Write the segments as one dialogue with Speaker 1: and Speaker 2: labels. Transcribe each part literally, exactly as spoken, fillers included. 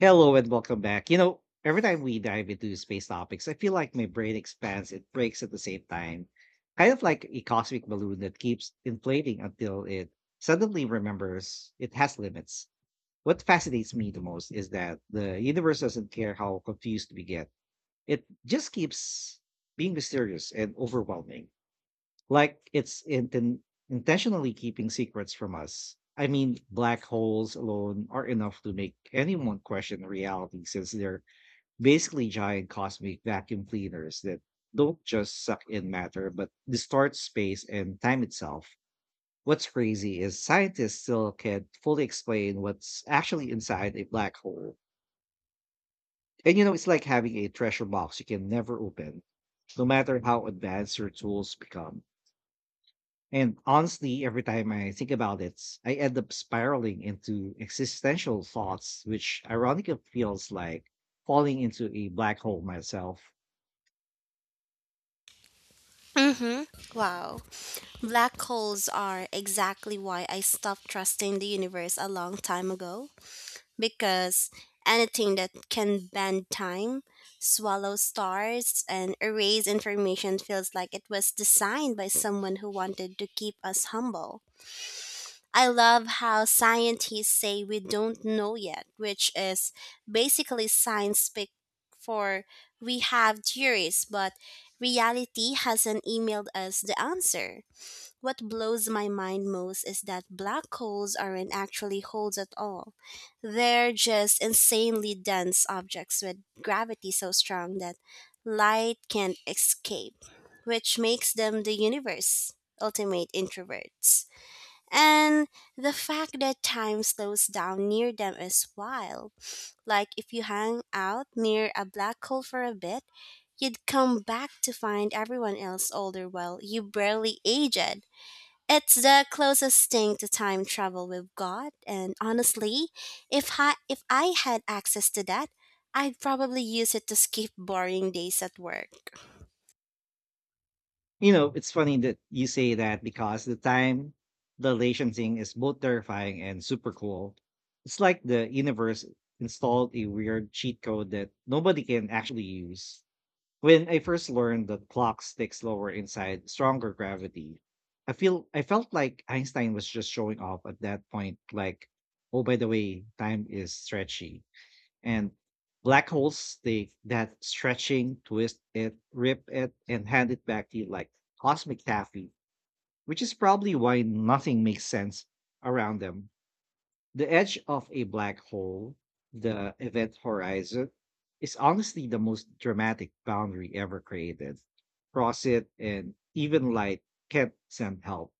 Speaker 1: Hello and welcome back. You know, every time we dive into space topics, I feel like my brain expands and breaks at the same time. Kind of like a cosmic balloon that keeps inflating until it suddenly remembers it has limits. What fascinates me the most is that the universe doesn't care how confused we get, it just keeps being mysterious and overwhelming like it's inten- intentionally keeping secrets from us. I mean, black holes alone are enough to make anyone question reality since they're basically giant cosmic vacuum cleaners that don't just suck in matter but distort space and time itself. What's crazy is scientists still can't fully explain what's actually inside a black hole. And you know, it's like having a treasure box you can never open, no matter how advanced your tools become. And honestly, every time I think about it, I end up spiraling into existential thoughts, which ironically feels like falling into a black hole myself.
Speaker 2: Hmm. Wow. Black holes are exactly why I stopped trusting the universe a long time ago. Because anything that can bend time, swallow stars, and erase information feels like it was designed by someone who wanted to keep us humble. I love how scientists say we don't know yet, which is basically science speak for we have theories, but reality hasn't emailed us the answer. What blows my mind most is that black holes aren't actually holes at all. They're just insanely dense objects with gravity so strong that light can't escape, which makes them the universe's ultimate introverts. And the fact that time slows down near them is wild. Like if you hang out near a black hole for a bit, you'd come back to find everyone else older while you barely aged. It's the closest thing to time travel we've got, and honestly, if I, if I had access to that, I'd probably use it to skip boring days at work.
Speaker 1: You know, it's funny that you say that because the time dilation thing is both terrifying and super cool. It's like the universe installed a weird cheat code that nobody can actually use. When I first learned that clocks tick slower inside stronger gravity, I feel I felt like Einstein was just showing off at that point, like, oh by the way, time is stretchy. And black holes take that stretching, twist it, rip it, and hand it back to you like cosmic taffy, which is probably why nothing makes sense around them. The edge of a black hole, the event horizon, is honestly the most dramatic boundary ever created. Cross it, and even light can't send help.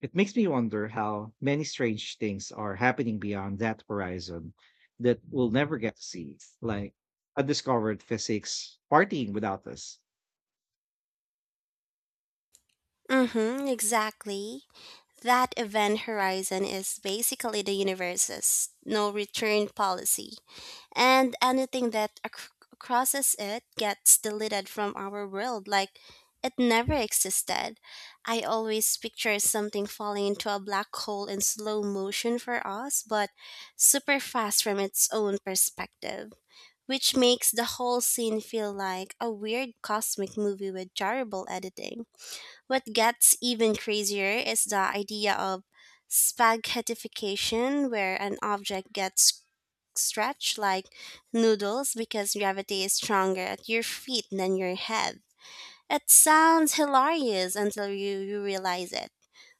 Speaker 1: It makes me wonder how many strange things are happening beyond that horizon that we'll never get to see, like undiscovered physics partying without us.
Speaker 2: Mm-hmm, exactly. That event horizon is basically the universe's no return policy, and anything that ac- crosses it gets deleted from our world like it never existed. I always picture something falling into a black hole in slow motion for us, but super fast from its own perspective, which makes the whole scene feel like a weird cosmic movie with terrible editing. What gets even crazier is the idea of spaghettification, where an object gets stretched like noodles because gravity is stronger at your feet than your head. It sounds hilarious until you, you realize it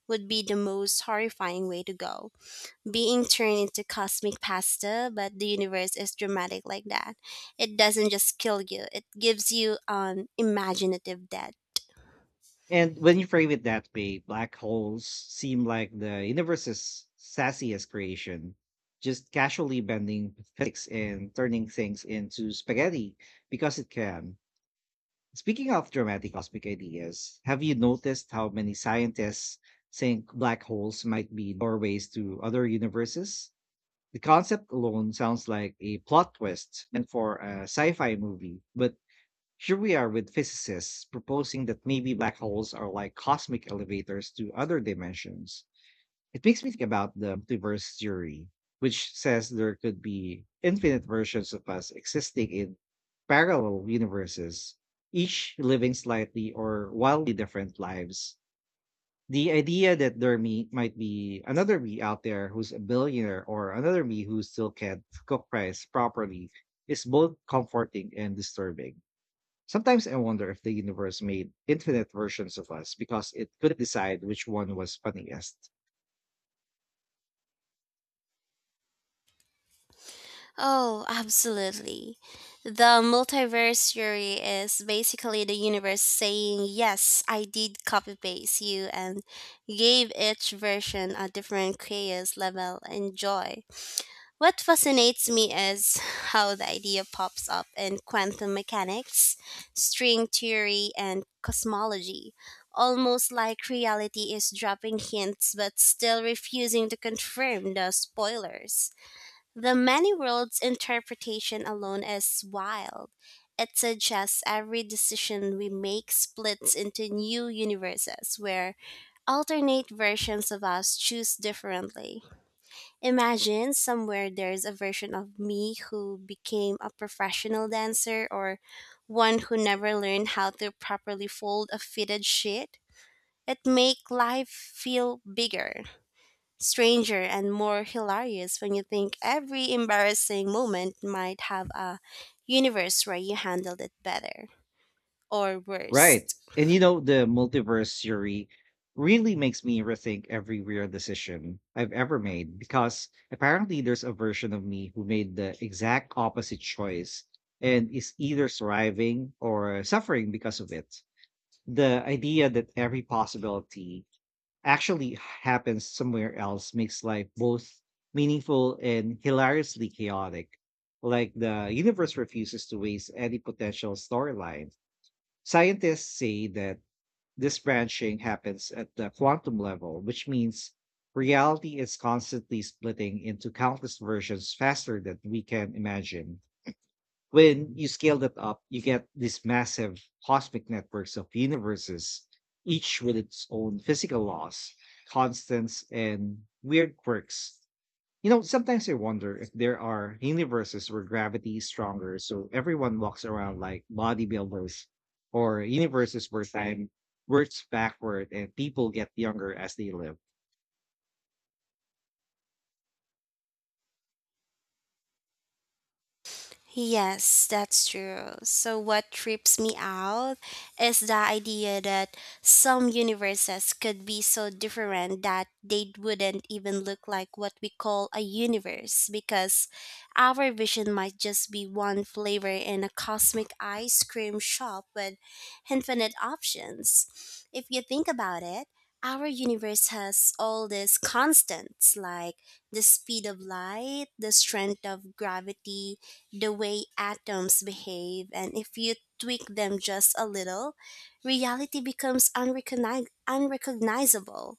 Speaker 2: would be the most horrifying way to go. Being turned into cosmic pasta, but the universe is dramatic like that. It doesn't just kill you, it gives you an imaginative death.
Speaker 1: And when you frame it that way, black holes seem like the universe's sassiest creation, just casually bending physics and turning things into spaghetti because it can. Speaking of dramatic cosmic ideas, have you noticed how many scientists think black holes might be doorways to other universes? The concept alone sounds like a plot twist and for a sci fi movie, but here we are with physicists proposing that maybe black holes are like cosmic elevators to other dimensions. It makes me think about the multiverse theory, which says there could be infinite versions of us existing in parallel universes, each living slightly or wildly different lives. The idea that there me, might be another me out there who's a billionaire or another me who still can't cook rice properly is both comforting and disturbing. Sometimes I wonder if the universe made infinite versions of us because it couldn't decide which one was funniest.
Speaker 2: Oh, absolutely. The multiverse theory is basically the universe saying, yes, I did copy paste you and gave each version a different chaos level and joy. What fascinates me is how the idea pops up in quantum mechanics, string theory, and cosmology. Almost like reality is dropping hints but still refusing to confirm the spoilers. The many worlds interpretation alone is wild. It suggests every decision we make splits into new universes where alternate versions of us choose differently. Imagine somewhere there's a version of me who became a professional dancer or one who never learned how to properly fold a fitted sheet. It make life feel bigger stranger and more hilarious when you think every embarrassing moment might have a universe where you handled it better or worse.
Speaker 1: Right. And you know, the multiverse theory really makes me rethink every weird decision I've ever made because apparently there's a version of me who made the exact opposite choice and is either thriving or suffering because of it. The idea that every possibility actually happens somewhere else makes life both meaningful and hilariously chaotic. Like the universe refuses to waste any potential storyline. Scientists say that this branching happens at the quantum level, which means reality is constantly splitting into countless versions faster than we can imagine when you scale that up, you get these massive cosmic networks of universes, each with its own physical laws, constants, and weird quirks. You know, sometimes I wonder if there are universes where gravity is stronger, so everyone walks around like bodybuilders, or universes where time works backward and people get younger as they live.
Speaker 2: Yes, that's true. So, what trips me out is the idea that some universes could be so different that they wouldn't even look like what we call a universe because our vision might just be one flavor in a cosmic ice cream shop with infinite options. If you think about it, our universe has all these constants like the speed of light, the strength of gravity, the way atoms behave, and if you tweak them just a little, reality becomes unrecogni- unrecognizable.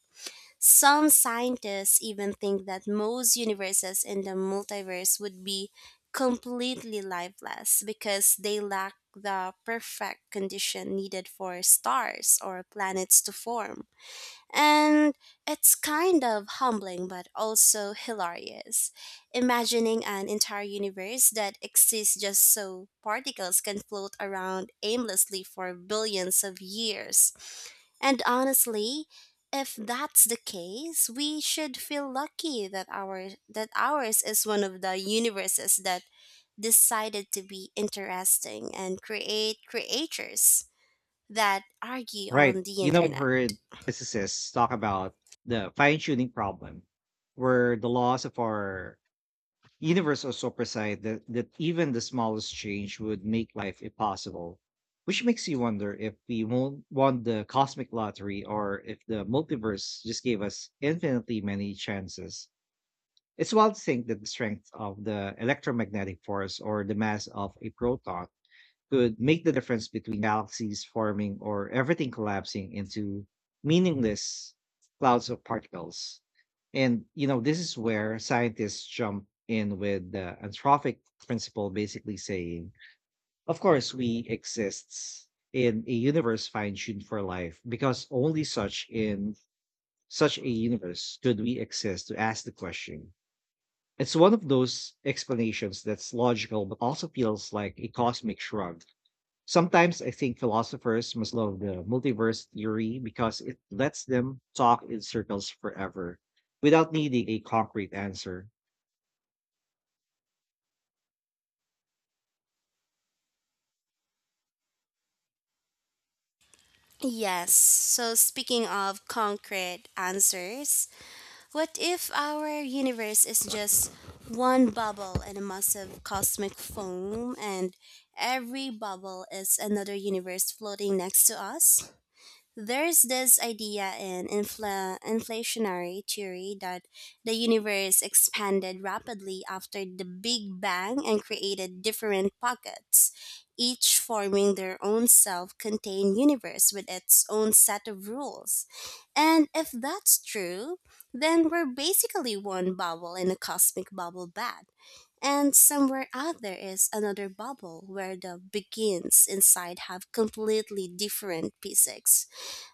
Speaker 2: Some scientists even think that most universes in the multiverse would be completely lifeless because they lack the perfect condition needed for stars or planets to form. And it's kind of humbling but also hilarious. Imagining an entire universe that exists just so particles can float around aimlessly for billions of years. And honestly, if that's the case, we should feel lucky that our that ours is one of the universes that decided to be interesting and create creatures that argue
Speaker 1: Right.
Speaker 2: on the
Speaker 1: You know, I've
Speaker 2: internet.
Speaker 1: heard physicists talk about the fine tuning problem, where the laws of our universe also preside that, that even the smallest change would make life impossible, which makes you wonder if we won't won the cosmic lottery or if the multiverse just gave us infinitely many chances. It's wild to think that the strength of the electromagnetic force or the mass of a proton could make the difference between galaxies forming or everything collapsing into meaningless clouds of particles. And, you know, this is where scientists jump in with the anthropic principle, basically saying, of course, we exist in a universe fine tuned for life because only such in such a universe could we exist to ask the question. It's one of those explanations that's logical, but also feels like a cosmic shrug. Sometimes I think philosophers must love the multiverse theory because it lets them talk in circles forever without needing a concrete answer.
Speaker 2: Yes. So, speaking of concrete answers, what if our universe is just one bubble in a massive cosmic foam and every bubble is another universe floating next to us? There's this idea in infla- inflationary theory that the universe expanded rapidly after the Big Bang and created different pockets, each forming their own self contained universe with its own set of rules. And if that's true, then we're basically one bubble in a cosmic bubble bath. And somewhere out there is another bubble where the begins inside have completely different physics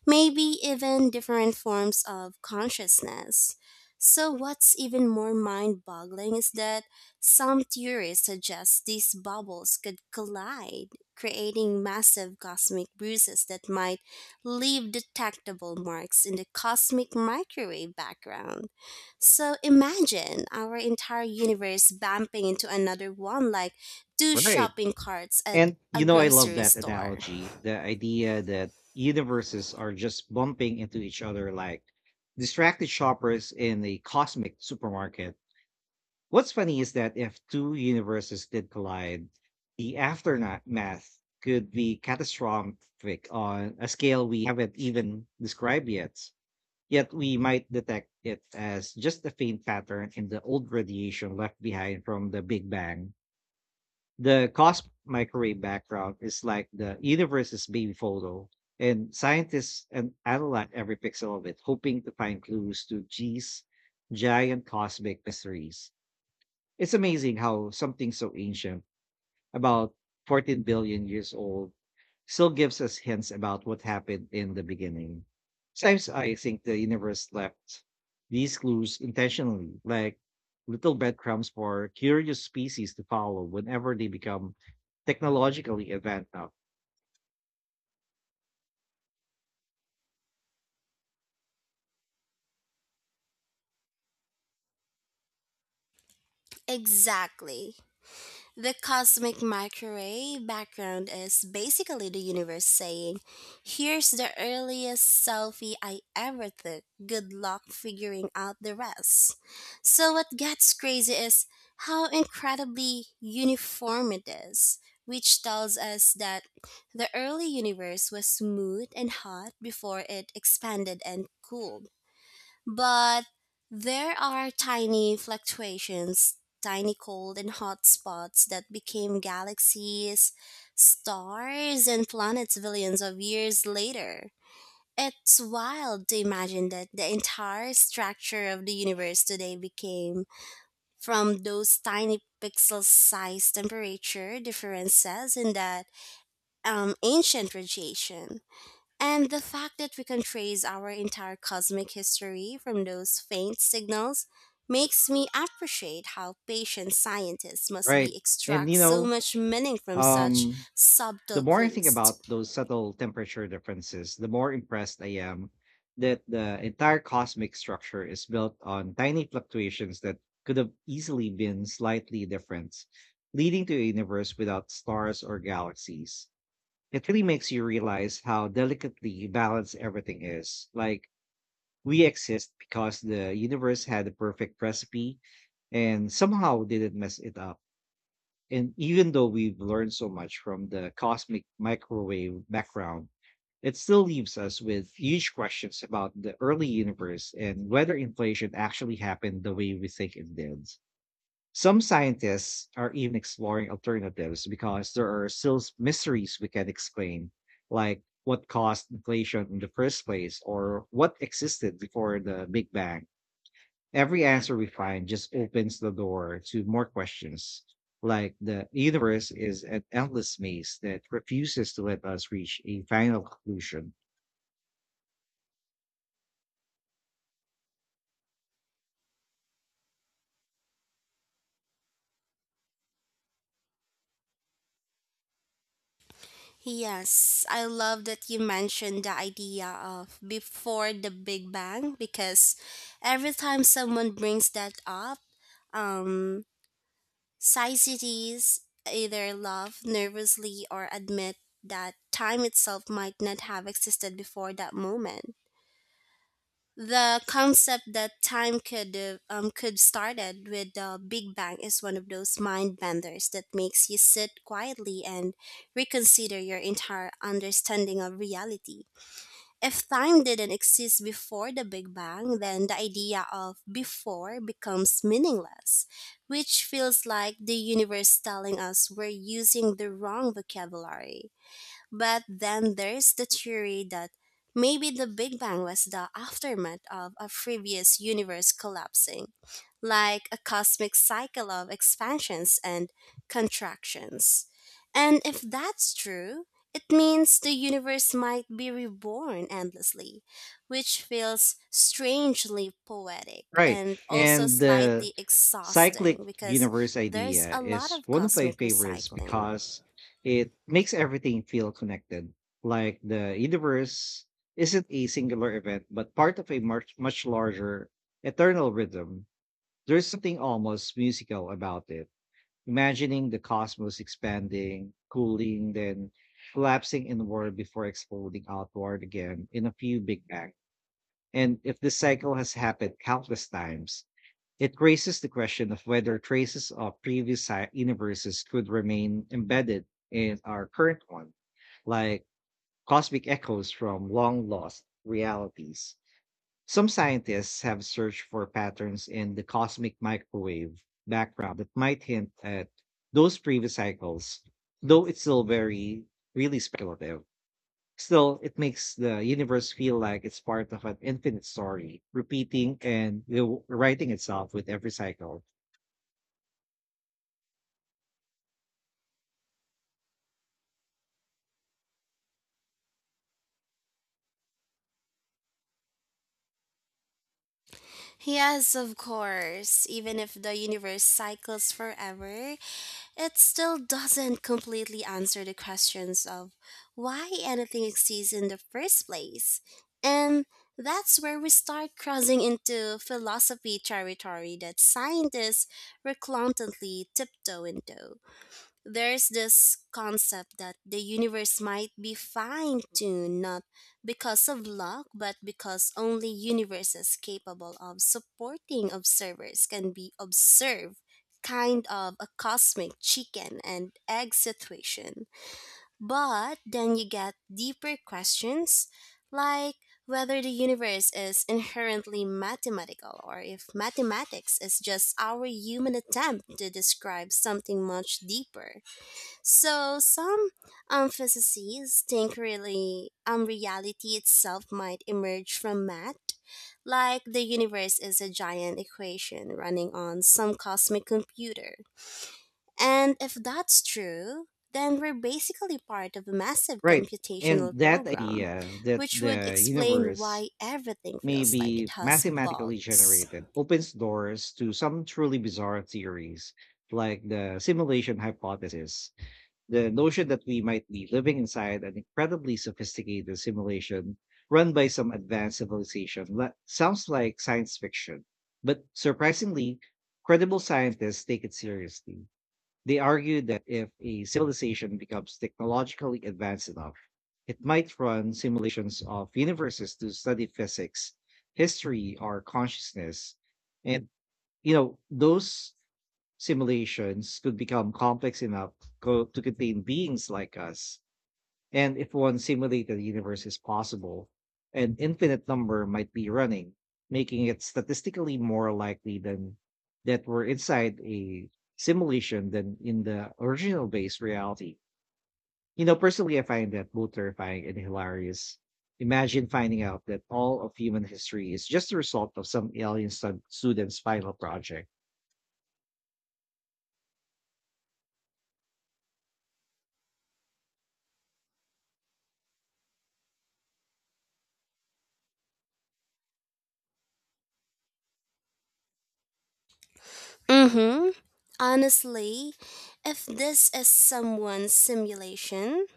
Speaker 2: maybe even different forms of consciousness. So, what's even more mind boggling is that some theories suggest these bubbles could collide, creating massive cosmic bruises that might leave detectable marks in the cosmic microwave background. So, imagine our entire universe bumping into another one like two
Speaker 1: Right.
Speaker 2: shopping carts at
Speaker 1: And
Speaker 2: a
Speaker 1: you know, I love
Speaker 2: grocery
Speaker 1: that
Speaker 2: store.
Speaker 1: analogy, the idea that universes are just bumping into each other like distracted shoppers in a cosmic supermarket. What's funny is that if two universes did collide, the aftermath could be catastrophic on a scale we haven't even described yet. Yet we might detect it as just a faint pattern in the old radiation left behind from the Big Bang. The cosmic microwave background is like the universe's baby photo, and scientists an- analyze every pixel of it, hoping to find clues to G's giant cosmic mysteries. It's amazing how something so ancient, about fourteen billion years old, still gives us hints about what happened in the beginning. Sometimes I think the universe left these clues intentionally, like little breadcrumbs for curious species to follow whenever they become technologically advanced enough.
Speaker 2: Exactly. The cosmic microwave background is basically the universe saying, here's the earliest selfie I ever took. Good luck figuring out the rest. So, what gets crazy is how incredibly uniform it is, which tells us that the early universe was smooth and hot before it expanded and cooled. But there are tiny fluctuations, tiny cold and hot spots that became galaxies, stars, and planets billions of years later. It's wild to imagine that the entire structure of the universe today became from those tiny pixel sized temperature differences in that um, ancient radiation. And the fact that we can trace our entire cosmic history from those faint signals makes me appreciate how patient scientists must be
Speaker 1: Right. And
Speaker 2: extract
Speaker 1: you
Speaker 2: so
Speaker 1: know,
Speaker 2: much meaning from such
Speaker 1: um the
Speaker 2: subtle
Speaker 1: more I think
Speaker 2: clues.
Speaker 1: about those subtle temperature differences, the more impressed I am that the entire cosmic structure is built on tiny fluctuations that could have easily been slightly different, leading to a universe without stars or galaxies. It really makes you realize how delicately balanced everything is. Like, we exist because the universe had the perfect recipe and somehow didn't mess it up. And even though we've learned so much from the cosmic microwave background, it still leaves us with huge questions about the early universe and whether inflation actually happened the way we think it did. Some scientists are even exploring alternatives because there are still s- mysteries we can explain, like what caused inflation in the first place or what existed before the Big Bang. Every answer we find just opens the door to more questions, like the universe is an endless maze that refuses to let us reach a final conclusion.
Speaker 2: Yes, I love that you mentioned the idea of before the Big Bang because every time someone brings that up, um, Societies either laugh nervously or admit that time itself might not have existed before that moment. The concept that time could uh, um, could started with the Big Bang is one of those mind benders that makes you sit quietly and reconsider your entire understanding of reality. If time didn't exist before the Big Bang, then the idea of before becomes meaningless, which feels like the universe telling us we're using the wrong vocabulary. But then there's the theory that maybe the Big Bang was the aftermath of a previous universe collapsing, like a cosmic cycle of expansions and contractions. And if that's true, it means the universe might be reborn endlessly, which feels strangely poetic
Speaker 1: Right.
Speaker 2: and also
Speaker 1: And the
Speaker 2: slightly
Speaker 1: cyclic
Speaker 2: exhausting because
Speaker 1: universe
Speaker 2: there's
Speaker 1: idea
Speaker 2: a lot
Speaker 1: is
Speaker 2: of
Speaker 1: one of my
Speaker 2: cosmic
Speaker 1: favorites
Speaker 2: recycling.
Speaker 1: because it makes everything feel connected. Like the universe isn't a singular event, but part of a much, much larger eternal rhythm. There's something almost musical about it, imagining the cosmos expanding, cooling, then collapsing inward before exploding outward again in a few big bang. And if this cycle has happened countless times, it raises the question of whether traces of previous si- universes could remain embedded in our current one, like cosmic echoes from long lost realities. Some scientists have searched for patterns in the cosmic microwave background that might hint at those previous cycles, though it's still very, really speculative. Still, it makes the universe feel like it's part of an infinite story, repeating and rewriting itself with every cycle.
Speaker 2: Yes, of course. Even if the universe cycles forever, it still doesn't completely answer the questions of why anything exists in the first place. And that's where we start crossing into philosophy territory that scientists reluctantly tiptoe into. There's this concept that the universe might be fine tuned not because of luck, but because only universes capable of supporting observers can be observed, kind of a cosmic chicken and egg situation. But then you get deeper questions like whether the universe is inherently mathematical or if mathematics is just our human attempt to describe something much deeper. So some um, physicists think really um, reality itself might emerge from math, like the universe is a giant equation running on some cosmic computer. And if that's true, then we're basically part of a massive
Speaker 1: Right. And
Speaker 2: computational
Speaker 1: that
Speaker 2: program,
Speaker 1: idea that
Speaker 2: which would
Speaker 1: the
Speaker 2: explain
Speaker 1: universe
Speaker 2: why everything
Speaker 1: may
Speaker 2: feels like it
Speaker 1: be
Speaker 2: has
Speaker 1: mathematically
Speaker 2: bugs.
Speaker 1: generated opens doors to some truly bizarre theories, like the simulation hypothesis, the notion that we might be living inside an incredibly sophisticated simulation run by some advanced civilization. That sounds like science fiction, but surprisingly, credible scientists take it seriously. They argued that if a civilization becomes technologically advanced enough, it might run simulations of universes to study physics, history, or consciousness. And, you know, those simulations could become complex enough co- to contain beings like us, and if one simulated universe is possible, an infinite number might be running, making it statistically more likely than that we're inside a simulation than in the original base reality. You know, personally, I find that both terrifying and hilarious. Imagine finding out that all of human history is just the result of some alien stud- student's final project.
Speaker 2: Mm-hmm. Honestly, if this is someone's simulation,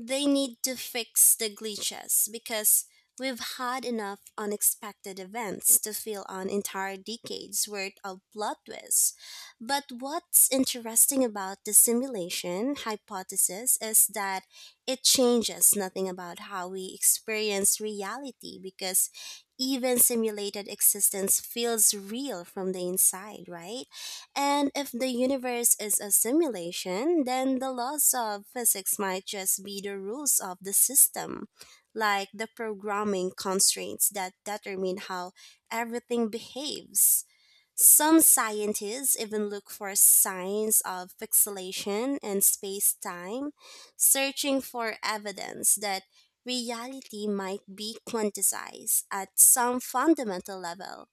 Speaker 2: they need to fix the glitches because we've had enough unexpected events to fill on entire decades worth of plot twists. But what's interesting about the simulation hypothesis is that it changes nothing about how we experience reality because even simulated existence feels real from the inside, right? And if the universe is a simulation, then the laws of physics might just be the rules of the system, like the programming constraints that determine how everything behaves. Some scientists even look for signs of pixelation in space time, searching for evidence that reality might be quantized at some fundamental level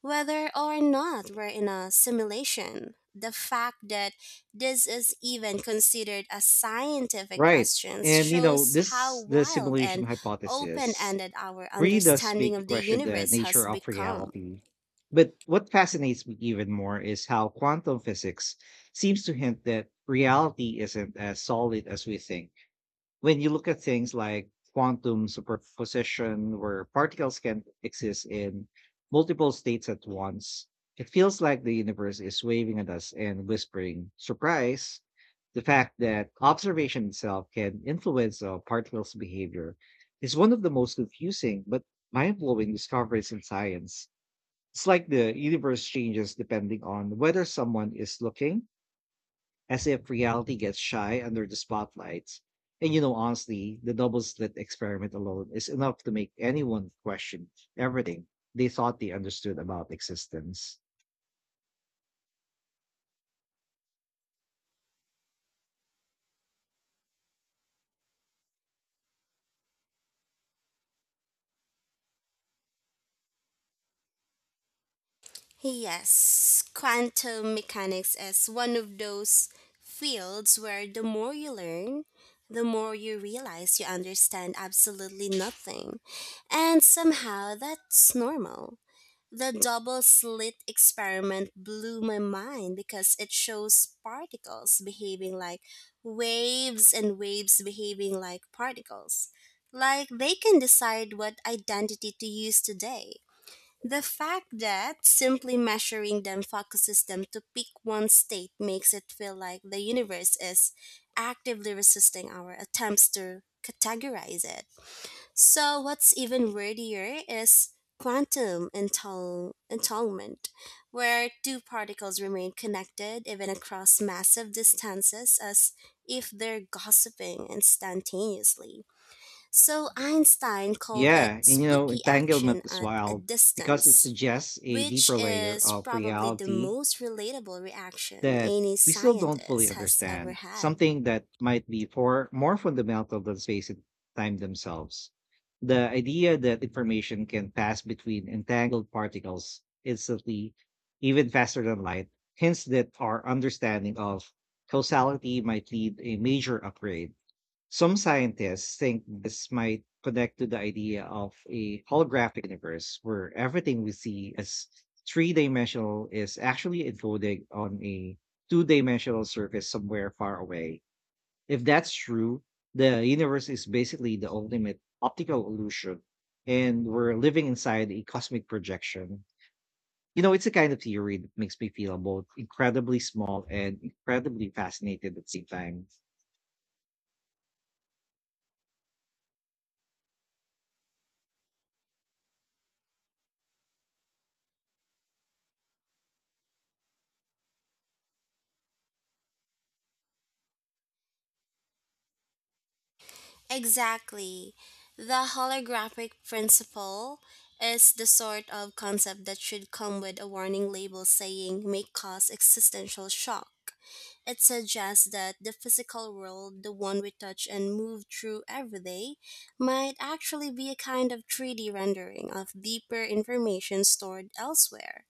Speaker 2: whether or not we're in a simulation, the fact that this is even considered a scientific
Speaker 1: Right.
Speaker 2: question
Speaker 1: And, you know,
Speaker 2: shows how
Speaker 1: this, the
Speaker 2: wild
Speaker 1: simulation
Speaker 2: and open
Speaker 1: hypothesis
Speaker 2: ended our
Speaker 1: really does
Speaker 2: understanding
Speaker 1: make you
Speaker 2: of the
Speaker 1: question the
Speaker 2: universe has
Speaker 1: nature of
Speaker 2: become.
Speaker 1: reality. But what fascinates me even more is how quantum physics seems to hint that reality isn't as solid as we think when you look at things like quantum superposition, where particles can exist in multiple states at once, it feels like the universe is waving at us and whispering, surprise. The fact that observation itself can influence a particle's behavior is one of the most confusing but mind blowing discoveries in science. It's like the universe changes depending on whether someone is looking, as if reality gets shy under the spotlights. And you know, honestly, the double slit experiment alone is enough to make anyone question everything they thought they understood about existence.
Speaker 2: Yes, quantum mechanics is one of those fields where the more you learn, the more you realize you understand absolutely nothing. And somehow that's normal. The double slit experiment blew my mind because it shows particles behaving like waves and waves behaving like particles. Like they can decide what identity to use today. The fact that simply measuring them focuses them to pick one state makes it feel like the universe is actively resisting our attempts to categorize it. So, what's even wordier is quantum entul- entanglement, where two particles remain connected even across massive distances as if they're gossiping instantaneously. So, Einstein called it
Speaker 1: Yeah, and you know,
Speaker 2: spooky
Speaker 1: entanglement
Speaker 2: action
Speaker 1: is
Speaker 2: at a
Speaker 1: wild because it
Speaker 2: distance.
Speaker 1: suggests a
Speaker 2: Which
Speaker 1: deeper layer
Speaker 2: is
Speaker 1: of
Speaker 2: probably the
Speaker 1: reality
Speaker 2: most relatable reaction
Speaker 1: that
Speaker 2: any
Speaker 1: we still don't fully
Speaker 2: scientist has ever
Speaker 1: understand,
Speaker 2: had.
Speaker 1: something that might be for more fundamental than space and time themselves. The idea that information can pass between entangled particles instantly, even faster than light, hints that our understanding of causality might need a major upgrade. Some scientists think this might connect to the idea of a holographic universe where everything we see as three dimensional is actually encoded on a two dimensional surface somewhere far away. If that's true, the universe is basically the ultimate optical illusion, and we're living inside a cosmic projection. You know, it's a kind of theory that makes me feel both incredibly small and incredibly fascinated at the same time.
Speaker 2: Exactly. The holographic principle is the sort of concept that should come with a warning label saying may cause existential shock. It suggests that the physical world, the one we touch and move through every day, might actually be a kind of three D rendering of deeper information stored elsewhere.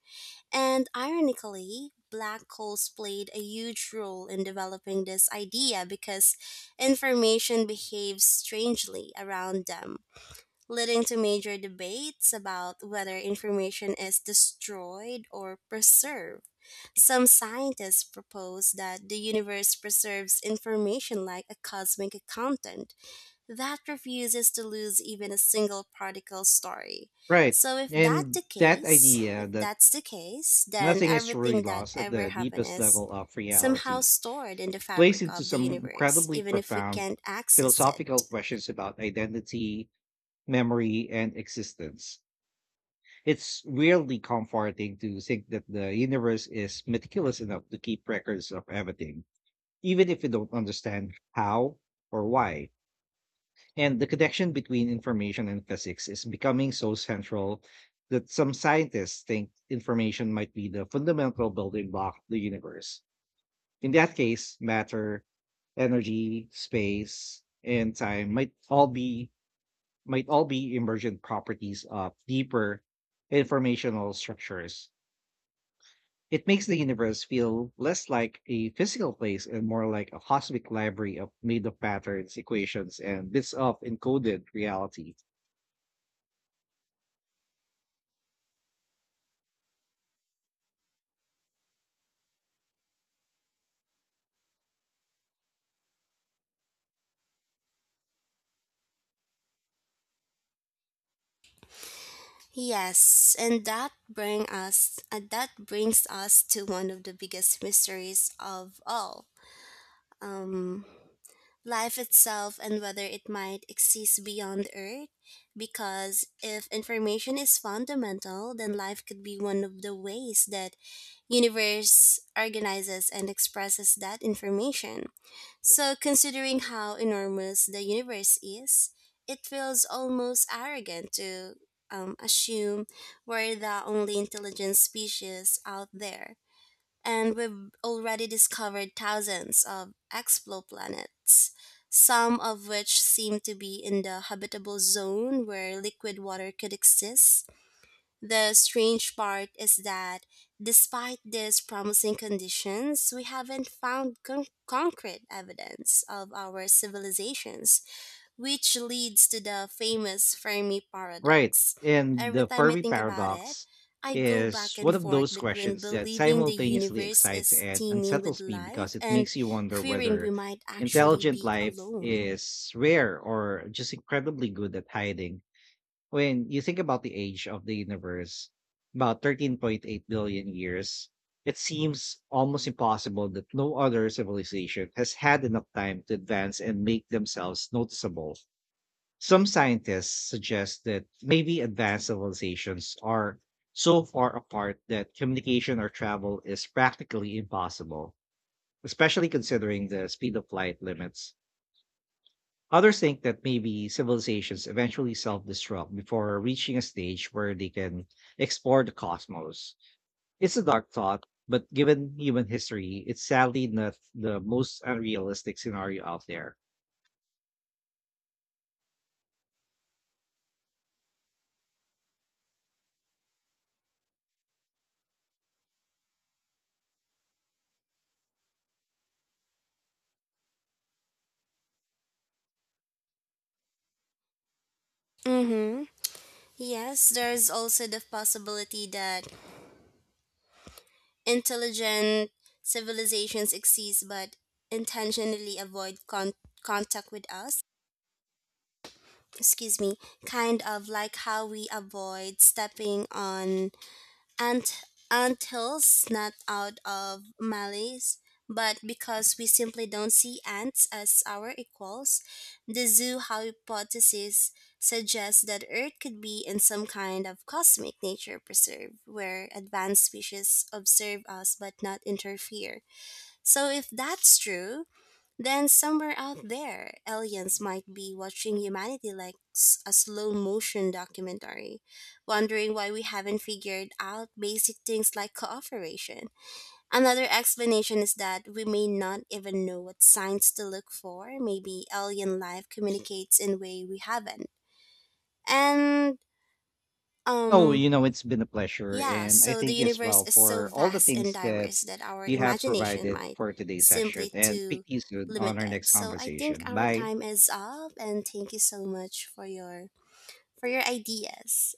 Speaker 2: And ironically, black holes played a huge role in developing this idea because information behaves strangely around them, leading to major debates about whether information is destroyed or preserved. Some scientists propose that the universe preserves information like a cosmic accountant that refuses to lose even a single particle story.
Speaker 1: Right.
Speaker 2: So if that
Speaker 1: And
Speaker 2: the
Speaker 1: that
Speaker 2: case,
Speaker 1: idea
Speaker 2: if
Speaker 1: that
Speaker 2: that's the case, then
Speaker 1: nothing is truly
Speaker 2: everything that
Speaker 1: lost at
Speaker 2: ever
Speaker 1: the
Speaker 2: happened
Speaker 1: deepest
Speaker 2: is
Speaker 1: level of
Speaker 2: somehow
Speaker 1: reality
Speaker 2: stored in the
Speaker 1: plays
Speaker 2: fabric
Speaker 1: into
Speaker 2: of the
Speaker 1: some
Speaker 2: universe,
Speaker 1: incredibly
Speaker 2: even if we
Speaker 1: profound
Speaker 2: can't access it.
Speaker 1: philosophical questions about identity, memory, and existence. It's really comforting to think that the universe is meticulous enough to keep records of everything, even if we don't understand how or why. And the connection between information and physics is becoming so central that some scientists think information might be the fundamental building block of the universe. In that case, matter, energy, space, and time might all be might all be emergent properties of deeper informational structures. It makes the universe feel less like a physical place and more like a cosmic library of made of patterns, equations, and bits of encoded reality.
Speaker 2: Yes, and that bring us uh, that brings us to one of the biggest mysteries of all. Um, Life itself and whether it might exist beyond Earth. Because if information is fundamental, then life could be one of the ways that universe organizes and expresses that information. So considering how enormous the universe is, it feels almost arrogant to um, assume we're the only intelligent species out there and we've already discovered thousands of exoplanets, some of which seem to be in the habitable zone where liquid water could exist. The strange part is that despite these promising conditions, we haven't found con- concrete evidence of our civilizations which leads to the famous Fermi
Speaker 1: Right.
Speaker 2: paradox.
Speaker 1: And
Speaker 2: Every
Speaker 1: the
Speaker 2: time I
Speaker 1: Fermi
Speaker 2: think about it,
Speaker 1: paradox
Speaker 2: I go
Speaker 1: is
Speaker 2: back
Speaker 1: one
Speaker 2: and
Speaker 1: of
Speaker 2: forth
Speaker 1: those
Speaker 2: between
Speaker 1: questions that
Speaker 2: believing the
Speaker 1: simultaneously
Speaker 2: universe
Speaker 1: excites
Speaker 2: is
Speaker 1: and
Speaker 2: teeming with
Speaker 1: unsettles me
Speaker 2: life
Speaker 1: because it
Speaker 2: and
Speaker 1: makes you wonder
Speaker 2: fearing we
Speaker 1: whether
Speaker 2: might actually
Speaker 1: intelligent
Speaker 2: be
Speaker 1: life
Speaker 2: alone.
Speaker 1: is rare or just incredibly good at hiding. When you think about the age of the universe, about thirteen point eight billion years, it seems almost impossible that no other civilization has had enough time to advance and make themselves noticeable. Some scientists suggest that maybe advanced civilizations are so far apart that communication or travel is practically impossible, especially considering the speed of light limits. Others think that maybe civilizations eventually self destruct before reaching a stage where they can explore the cosmos. It's a dark thought, but given human history, it's sadly not the most unrealistic scenario out there.
Speaker 2: Mm-hmm. Yes, there's also the possibility that intelligent civilizations exist but intentionally avoid con- contact with us. Excuse me, kind of like how we avoid stepping on Ant Anthills not out of malice, but because we simply don't see ants as our equals, the zoo hypothesis suggests that Earth could be in some kind of cosmic nature preserve where advanced species observe us but not interfere. So, if that's true, then somewhere out there, aliens might be watching humanity like s- a slow motion documentary, wondering why we haven't figured out basic things like cooperation. Another explanation is that we may not even know what signs to look for. Maybe alien life communicates in a way we haven't. And
Speaker 1: Oh,
Speaker 2: um
Speaker 1: you know, it's been a pleasure.
Speaker 2: yeah,
Speaker 1: And I
Speaker 2: so the
Speaker 1: thank you as well
Speaker 2: universe is so
Speaker 1: for all the
Speaker 2: vast and
Speaker 1: things that
Speaker 2: diverse that our
Speaker 1: you have
Speaker 2: imagination
Speaker 1: provided
Speaker 2: might
Speaker 1: for today's session.
Speaker 2: simply
Speaker 1: And speak
Speaker 2: too
Speaker 1: to you soon on our
Speaker 2: limited.
Speaker 1: next
Speaker 2: So I think
Speaker 1: conversation.
Speaker 2: our
Speaker 1: Bye.
Speaker 2: time is up and thank you so much for your for your ideas